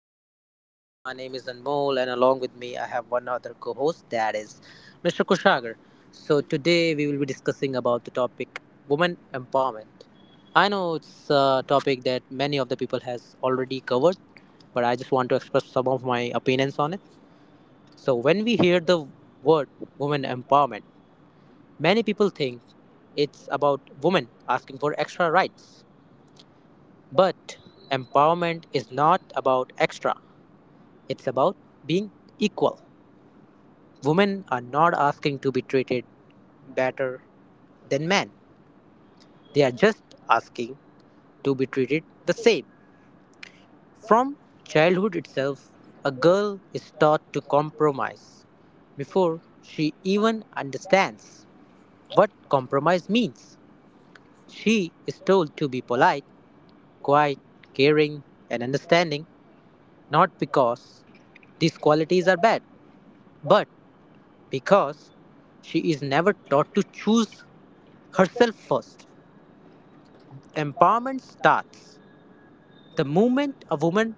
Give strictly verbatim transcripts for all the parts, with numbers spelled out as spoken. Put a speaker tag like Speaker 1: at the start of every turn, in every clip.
Speaker 1: the podcast. My name is Anmol, and along with me, I have one other co-host, that is Mister Kushagar. So today we will be discussing about the topic women empowerment. I know it's a topic that many of the people has already covered, but I just want to express some of my opinions on it. So when we hear the word women empowerment, many people think it's about women asking for extra rights, but empowerment is not about extra, it's about being equal. Women are not asking to be treated better than men, they are just asking to be treated the same. From childhood itself, a girl is taught to compromise before she even understands what compromise means. She is told to be polite, quiet, caring, and understanding, not because these qualities are bad, but because she is never taught to choose herself first. Empowerment starts the moment a woman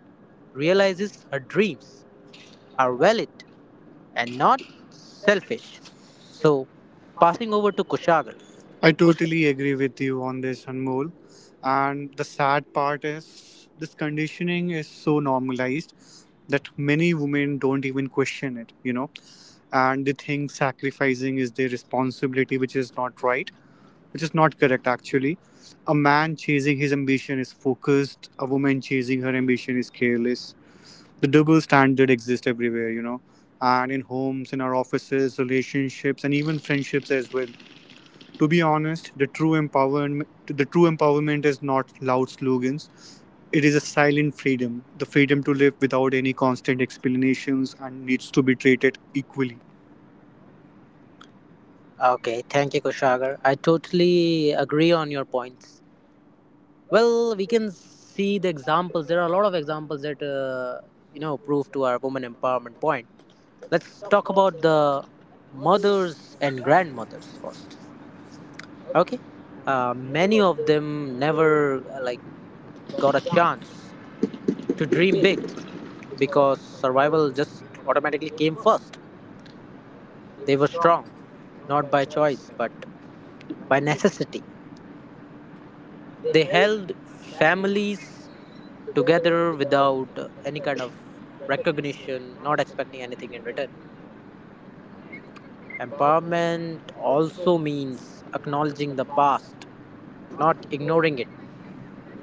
Speaker 1: realizes her dreams are valid and not selfish. So, passing over to Kushagar.
Speaker 2: I
Speaker 1: Kush-
Speaker 2: totally agree with you on this, Anmol. And the sad part is this conditioning is so normalized that many women don't even question it, you know, and they think sacrificing is their responsibility, which is not right, which is not correct actually. A man chasing his ambition is focused, a woman chasing her ambition is careless. The double standard exists everywhere, you know, and in homes, in our offices, relationships, and even friendships as well to be honest, the true empowerment the true empowerment is not loud slogans. It is a silent freedom, the freedom to live without any constant explanations and needs to be treated equally.
Speaker 1: okay, thank you, Kushagar. I totally agree on your points. Well, we can see the examples. There are a lot of examples that uh, you know prove to our women empowerment point. Let's talk about the mothers and grandmothers first. Okay, uh, many of them never uh, like got a chance to dream big because survival just automatically came first. They were strong, not by choice but by necessity. They held families together without any kind of recognition, not expecting anything in return. Empowerment also means acknowledging the past, not ignoring it.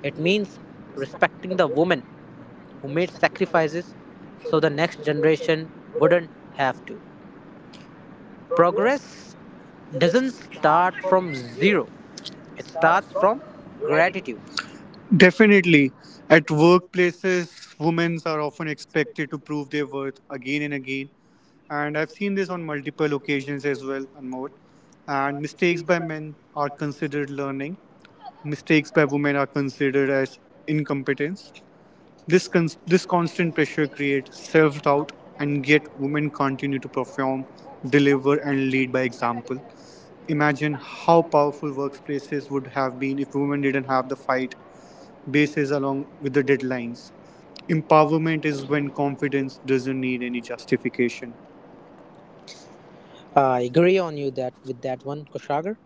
Speaker 1: It means respecting the women who made sacrifices so the next generation wouldn't have to. Progress doesn't start from zero, it starts from gratitude.
Speaker 2: Definitely. At workplaces, women are often expected to prove their worth again and again. And I've seen this on multiple occasions as well and more. And mistakes by men are considered learning, mistakes by women are considered as incompetence. This con- this constant pressure creates self-doubt, and yet women continue to perform, deliver, and lead by example. Imagine how powerful workplaces would have been if women didn't have the fight bases along with the deadlines. Empowerment is when confidence doesn't need any justification.
Speaker 1: I agree on you that with that one, Kushagar.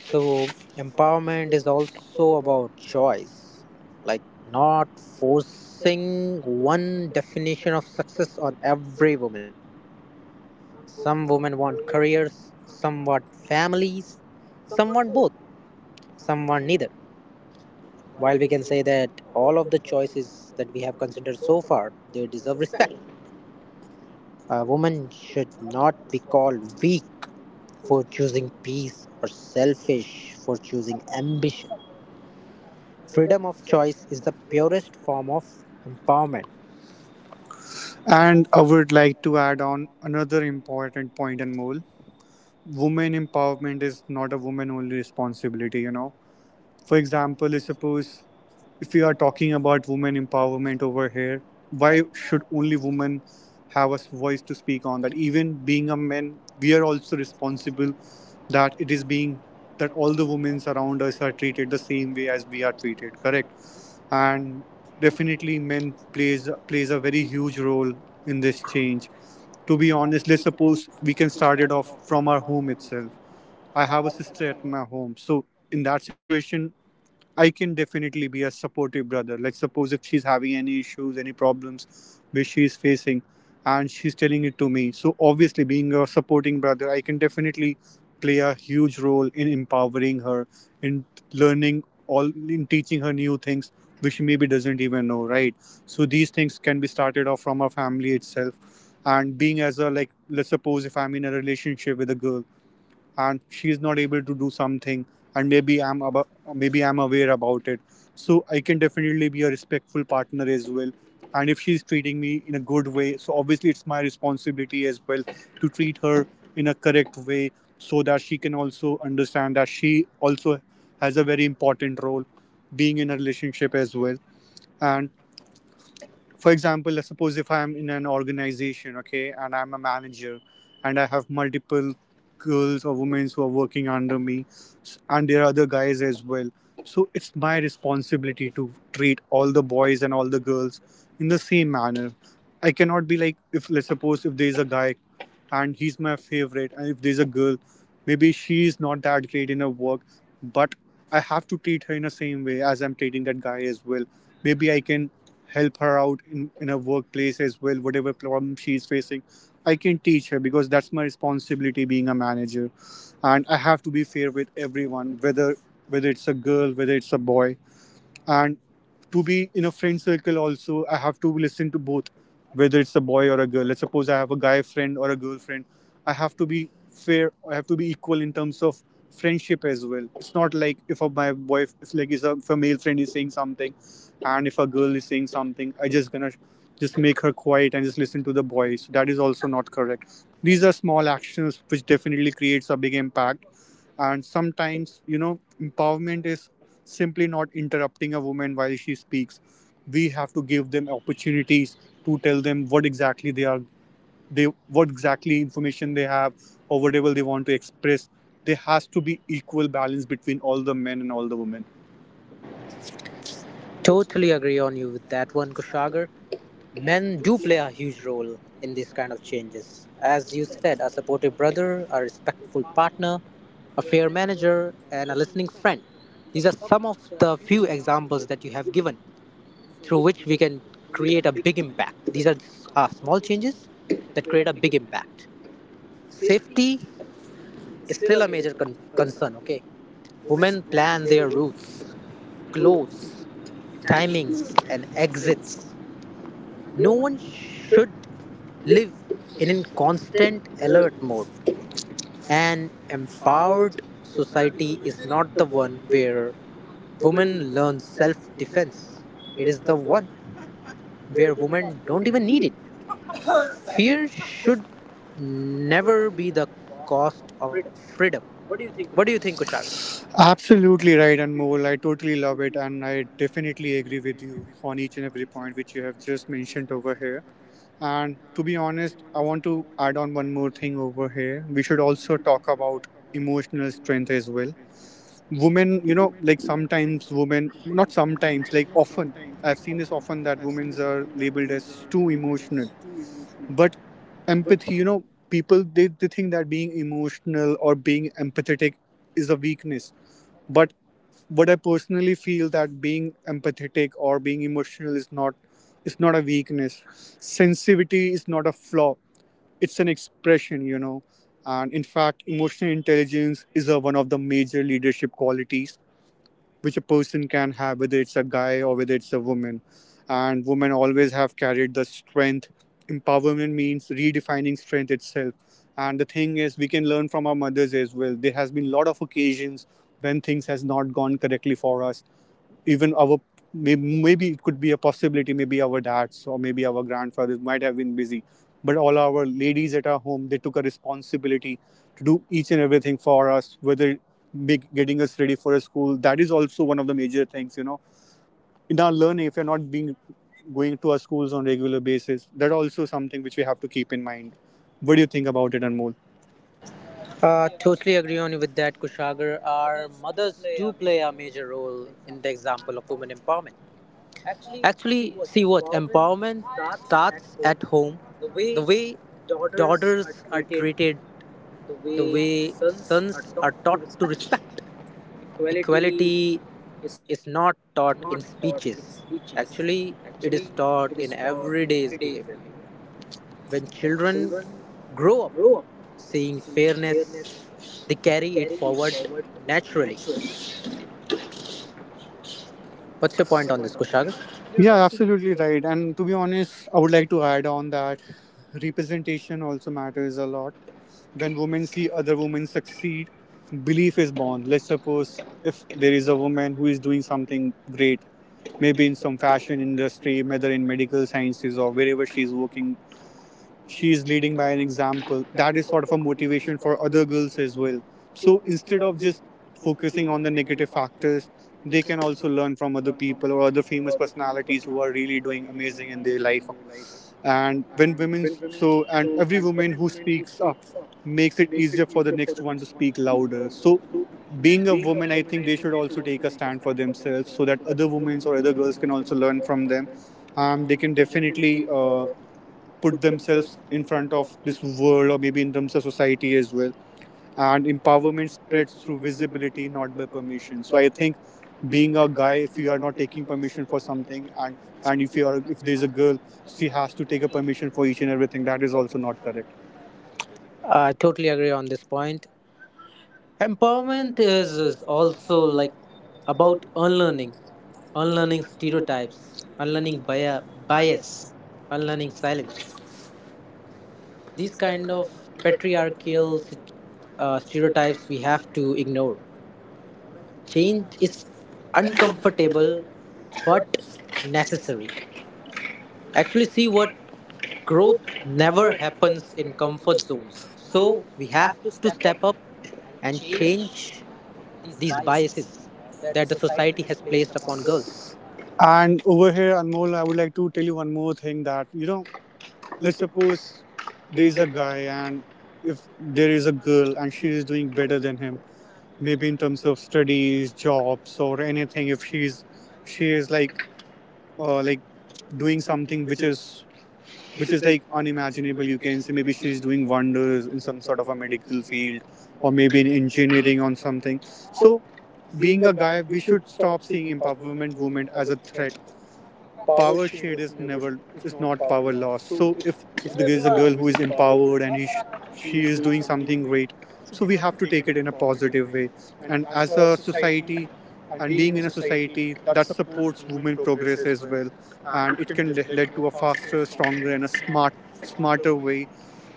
Speaker 1: So, empowerment is also about choice, like not forcing one definition of success on every woman. Some women want careers, some want families, some want both, some want neither. While we can say that all of the choices that we have considered so far, they deserve respect. A woman should not be called weak for choosing peace or selfish for choosing ambition. Freedom of choice is the purest form of empowerment.
Speaker 2: And I would like to add on another important point and mole. Women empowerment is not a woman only responsibility, you know. For example, let's suppose if we are talking about women empowerment over here, why should only women have a voice to speak on that? Even being a man, we are also responsible that it is being that all the women around us are treated the same way as we are treated. Correct, and definitely men plays plays a very huge role in this change. To be honest, let's suppose we can start it off from our home itself. I have a sister at my home, so in that situation I can definitely be a supportive brother. Like, suppose if she's having any issues, any problems which she's facing, and she's telling it to me. So, obviously, being a supporting brother, I can definitely play a huge role in empowering her, in learning all, in teaching her new things which she maybe doesn't even know, right? So, these things can be started off from our family itself. And being as a, like, let's suppose if I'm in a relationship with a girl and she's not able to do something and maybe i'm about maybe I'm aware about it, so I can definitely be a respectful partner as well. And if she's treating me in a good way, so obviously it's my responsibility as well to treat her in a correct way so that she can also understand that she also has a very important role being in a relationship as well. And for example, let's suppose if I'm in an organization, okay, and I'm a manager and I have multiple girls or women who are working under me s- and there are other guys as well, so it's my responsibility to treat all the boys and all the girls in the same manner. I cannot be like, if let's suppose if there's a guy and he's my favorite and if there's a girl, maybe she's not that great in her work, but I have to treat her in the same way as I'm treating that guy as well. Maybe I can help her out in, in her workplace as well, whatever problem she's facing. I can teach her because that's my responsibility being a manager. And I have to be fair with everyone, whether whether it's a girl, whether it's a boy. And to be in a friend circle also, I have to listen to both, whether it's a boy or a girl. Let's suppose I have a guy friend or a girlfriend, I have to be fair, I have to be equal in terms of friendship as well. It's not like if a, my boy if like is a, if a male friend is saying something and if a girl is saying something, I just gonna just make her quiet and just listen to the boys. That is also not correct. These are small actions which definitely creates a big impact. And sometimes, you know, empowerment is simply not interrupting a woman while she speaks. We have to give them opportunities to tell them what exactly they are, they what exactly information they have, or whatever they want to express. There has to be equal balance between all the men and all the women.
Speaker 1: Totally agree on you with that one, Kushagar. Men do play a huge role in these kind of changes. As you said, a supportive brother, a respectful partner, a fair manager, and a listening friend. These are some of the few examples that you have given through which we can create a big impact. These are s- uh, small changes that create a big impact. Safety is still a major con- concern, okay? Women plan their routes, clothes, timings, and exits. No one should live in a constant alert mode. An empowered society is not the one where women learn self defense, it is the one where women don't even need it. Fear should never be the cost of freedom. What do you think, Kushagra?
Speaker 2: Absolutely right, and Anmol. I totally love it, and I definitely agree with you on each and every point which you have just mentioned over here. And to be honest, I want to add on one more thing over here. We should also talk about emotional strength as well. Women, you know, like sometimes women not sometimes like often I've seen this often that women are labeled as too emotional, but empathy, you know, people they, they think that being emotional or being empathetic is a weakness. But what I personally feel that being empathetic or being emotional is not is not a weakness. Sensitivity is not a flaw, it's an expression, you know. And in fact, emotional intelligence is a, one of the major leadership qualities which a person can have, whether it's a guy or whether it's a woman. And women always have carried the strength. Empowerment means redefining strength itself. And the thing is, we can learn from our mothers as well. There has been a lot of occasions when things has not gone correctly for us. Even our, maybe it could be a possibility, maybe our dads or maybe our grandfathers might have been busy, but all our ladies at our home, they took a responsibility to do each and everything for us, whether make getting us ready for a school. That is also one of the major things, you know. In our learning, if you're not being going to our schools on a regular basis, that also something which we have to keep in mind. What do you think about it, Anmol?
Speaker 1: Uh, totally agree on you with that, Kushagar. Our mothers do play a major role in the example of women empowerment. Actually, see what empowerment starts at home. The way daughters are treated, the way sons are taught to respect. Equality is not taught in speeches. Actually, it is taught in everyday's behavior. When children grow up seeing fairness, they carry it forward naturally. What's your point on this, Kushagar?
Speaker 2: Yeah, absolutely right. And to be honest, I would like to add on that representation also matters a lot. When women see other women succeed, belief is born. Let's suppose if there is a woman who is doing something great, maybe in some fashion industry, whether in medical sciences or wherever she's working, she is leading by an example. That is sort of a motivation for other girls as well. So instead of just focusing on the negative factors, they can also learn from other people or other famous personalities who are really doing amazing in their life. And when women so and every woman who speaks up makes it easier for the next one to speak louder. So being a woman, I think they should also take a stand for themselves so that other women or other girls can also learn from them. Um, they can definitely uh, put themselves in front of this world or maybe in terms of society as well. And empowerment spreads through visibility, not by permission. So I think being a guy, if you are not taking permission for something, and and if you are if there's a girl, she has to take a permission for each and everything. That is also not correct.
Speaker 1: I totally agree on this point. Empowerment is, is also like about unlearning, unlearning stereotypes, unlearning bia- bias, unlearning silence. These kind of patriarchal sit- uh, stereotypes we have to ignore. Change is uncomfortable but necessary. Actually see what growth never happens in comfort zones. So we have to step up and change these biases that the society has placed upon girls.
Speaker 2: And over here, Anmol, I would like to tell you one more thing that you know, let's suppose there is a guy and if there is a girl and she is doing better than him, maybe in terms of studies, jobs, or anything. If she's She is like uh, like doing something which is which is like unimaginable, you can say. Maybe she's doing wonders in some sort of a medical field or maybe in engineering on something. So being a guy, we should stop seeing empowerment women as a threat. Power shade is never is not power loss. So if if there is a girl who is empowered and he, sh- she is doing something great, so we have to take it in a positive way. And as a society, and being in a society that supports women progress as well, and it can le- lead to a faster stronger and a smart smarter way.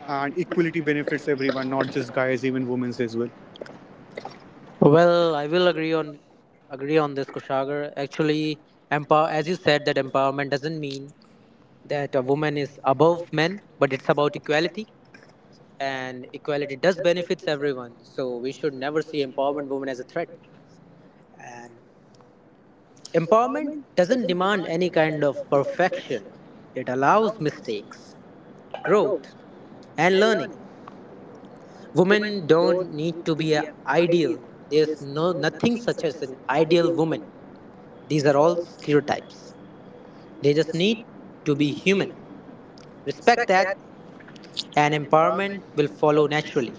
Speaker 2: And equality benefits everyone, not just guys, even women as well.
Speaker 1: Well, I will agree on agree on this, Kushagar. Actually, empower as you said that empowerment doesn't mean that a woman is above men, but it's about equality, and equality does benefits everyone. So we should never see empowerment women as a threat. And empowerment doesn't demand any kind of perfection, it allows mistakes, growth, and learning. Women don't need to be an ideal. There's no nothing such as an ideal woman. These are all stereotypes. They just need to be human. Respect that, and empowerment will follow naturally.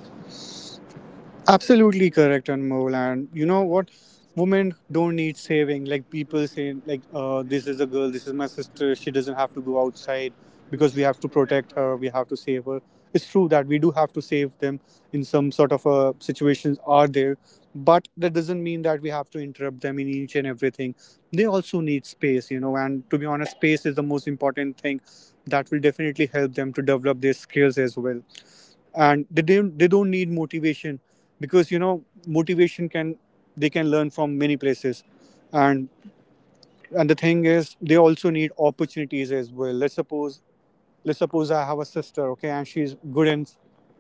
Speaker 2: Absolutely correct, Anmol. And you know what? Women don't need saving. Like people say, like uh, this is a girl, this is my sister. She doesn't have to go outside because we have to protect her. We have to save her. It's true that we do have to save them in some sort of uh, situations are there, but that doesn't mean that we have to interrupt them in each and everything. They also need space, you know. And to be honest, space is the most important thing that will definitely help them to develop their skills as well, and they don't they don't need motivation because you know motivation can, they can learn from many places. And and the thing is, they also need opportunities as well. Let's suppose let's suppose I have a sister, okay, and she's good in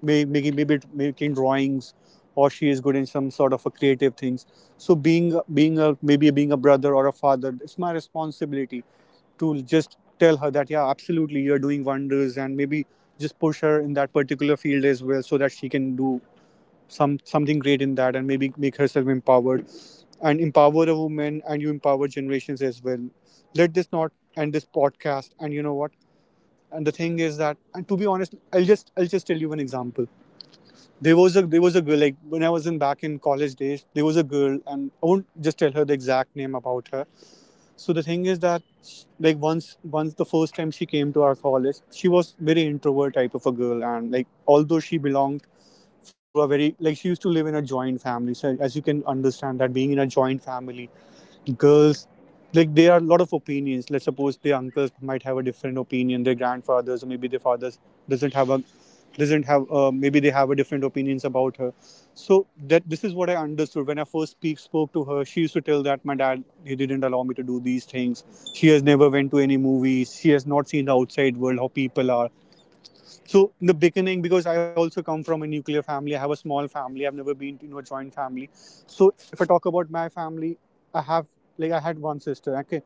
Speaker 2: may- making maybe making drawings, or she is good in some sort of a creative things. So being being a maybe being a brother or a father, it's my responsibility to just tell her that yeah, absolutely, you're doing wonders, and maybe just push her in that particular field as well, so that she can do some something great in that, and maybe make herself empowered. And empower a woman and you empower generations as well. Let this not end. This podcast, and you know what, and the thing is that, and to be honest, i'll just i'll just tell you one example. There was a there was a girl, like when I was in back in college days, there was a girl, and I won't just tell her the exact name about her. So the thing is that, like, once once the first time she came to our college, she was very introvert type of a girl. And like, although she belonged through a very, like, she used to live in a joint family. So as you can understand, that being in a joint family, girls, like, there are a lot of opinions. Let's suppose their uncles might have a different opinion, their grandfathers or maybe their fathers doesn't have a, doesn't have uh, maybe they have a different opinions about her. So that, this is what I understood. When I first speak spoke to her, she used to tell that my dad, he didn't allow me to do these things. She has never went to any movies, she has not seen the outside world, how people are. So in the beginning, because I also come from a nuclear family, I have a small family. I've never been to, you know, a joint family. So if I talk about my family, I have, like, I had one sister. Okay,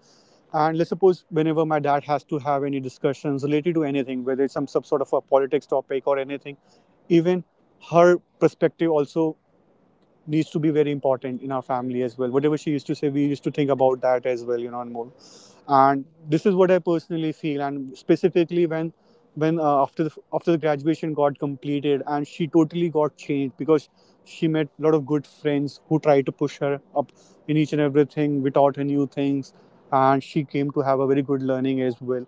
Speaker 2: and let's suppose whenever my dad has to have any discussions related to anything, whether it's some, some sort of a politics topic or anything, even her perspective also needs to be very important in our family as well. Whatever she used to say, we used to think about that as well, you know, and more, and this is what I personally feel. And specifically when, when uh, after the after the graduation got completed, and she totally got changed because she met a lot of good friends who tried to push her up in each and everything. We taught her new things, and she came to have a very good learning as well.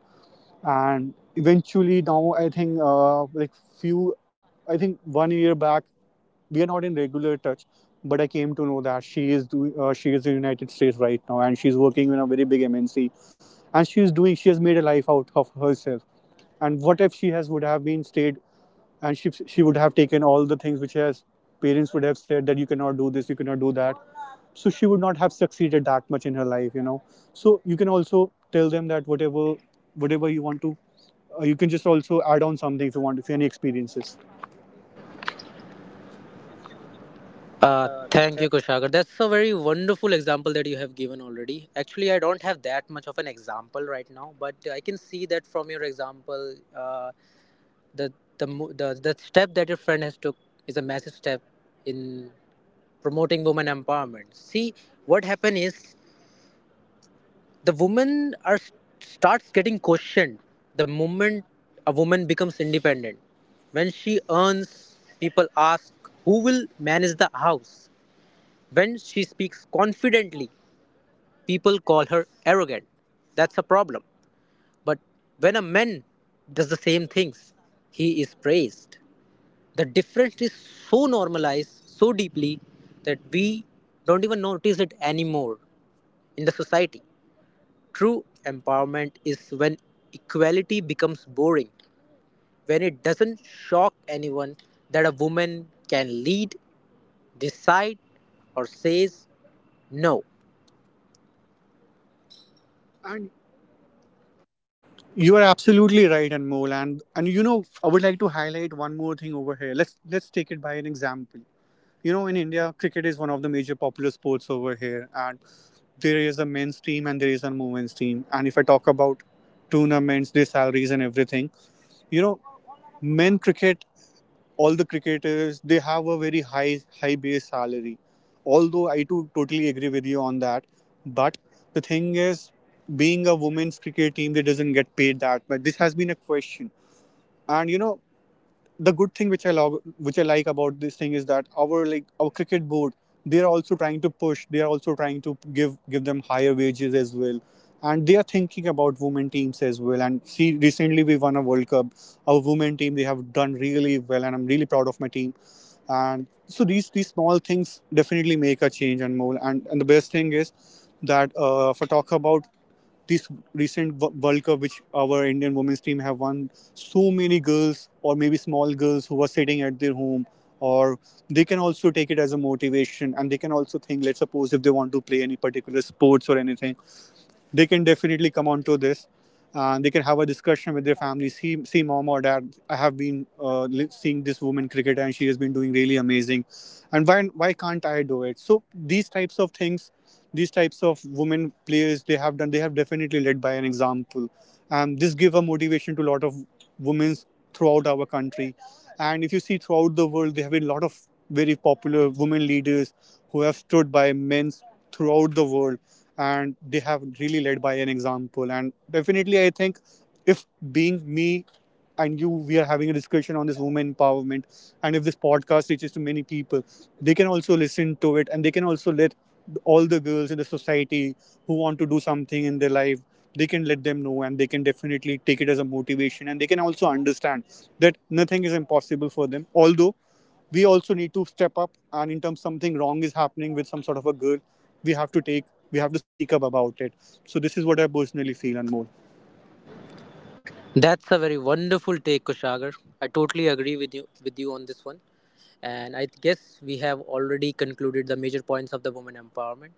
Speaker 2: And eventually, now I think uh, like, few, I think one year back, we are not in regular touch. But I came to know that she is doing, uh, she is in the United States right now, and she's working in a very big M N C. And she is doing she has made a life out of herself. And what if she has would have been stayed, and she she would have taken all the things which her parents would have said, that you cannot do this, you cannot do that. So she would not have succeeded that much in her life, you know. So you can also tell them that, whatever, whatever you want to uh, you can just also add on something if you want, if any experiences.
Speaker 1: Uh, thank you, Kushagar. That's a very wonderful example that you have given already. Actually, I don't have that much of an example right now, but I can see that from your example, uh, the the mo- the, the step that your friend has took is a massive step in promoting women empowerment. See what happened is, the women are starts getting questioned the moment a woman becomes independent. When she earns, people ask, who will manage the house? When she speaks confidently, people call her arrogant. That's a problem. But when a man does the same things, he is praised. The difference is so normalized, so deeply, that we don't even notice it anymore in the society. True empowerment is when equality becomes boring, when it doesn't shock anyone that a woman can lead, decide, or says no.
Speaker 2: You are absolutely right, Anmol. And and you know, I would like to highlight one more thing over here. Let's let's take it by an example. You know, in India, cricket is one of the major popular sports over here, and there is a men's team and there is a women's team. And if I talk about tournaments, their salaries and everything, you know, men cricket, all the cricketers, they have a very high high base salary. Although I too totally agree with you on that, but the thing is, being a women's cricket team, they doesn't get paid that. But this has been a question, and you know, the good thing which I log, which I like about this thing is that, our, like, our cricket board, they are also trying to push. They are also trying to give give them higher wages as well, and they are thinking about women teams as well. And see, recently we won a World Cup. Our women team, they have done really well, and I'm really proud of my team. And so these these small things definitely make a change and more. And and the best thing is that, uh, if I talk about this recent World Cup, which our Indian women's team have won, so many girls, or maybe small girls who are sitting at their home, or they can also take it as a motivation, and they can also think. Let's suppose if they want to play any particular sports or anything, they can definitely come onto this. Uh, they can have a discussion with their family. See, see, mom or dad, I have been uh, seeing this woman cricketer, and she has been doing really amazing. And why, why can't I do it? So these types of things, these types of women players, they have done. They have definitely led by an example. Um, this give a motivation to a lot of women throughout our country, and if you see throughout the world, there have been a lot of very popular women leaders who have stood by men throughout the world, and they have really led by an example. And definitely I think, if, being me and you, we are having a discussion on this women empowerment, and if this podcast reaches to many people, they can also listen to it, and they can also let all the girls in the society who want to do something in their life, they can let them know, and they can definitely take it as a motivation. And they can also understand that nothing is impossible for them. Although we also need to step up, and in terms something wrong is happening with some sort of a girl, we have to take we have to speak up about it. So this is what I personally feel and more.
Speaker 1: That's a very wonderful take, Kushagar. I totally agree with you with you on this one. And I guess we have already concluded the major points of the women empowerment.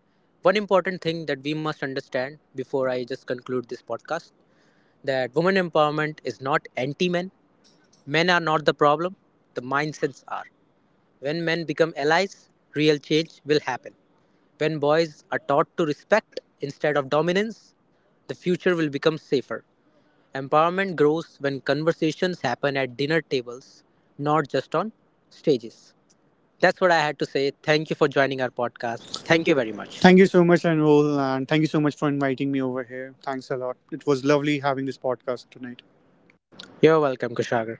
Speaker 1: One important thing that we must understand before I just conclude this podcast, that women empowerment is not anti-men. Men are not the problem. The mindsets are. When men become allies, real change will happen. When boys are taught to respect instead of dominance, the future will become safer. Empowerment grows when conversations happen at dinner tables, not just on stages. That's what I had to say. Thank you for joining our podcast. Thank you very much.
Speaker 2: Thank you so much, Anmol, and thank you so much for inviting me over here. Thanks a lot. It was lovely having this podcast tonight.
Speaker 1: You're welcome, Kushagar.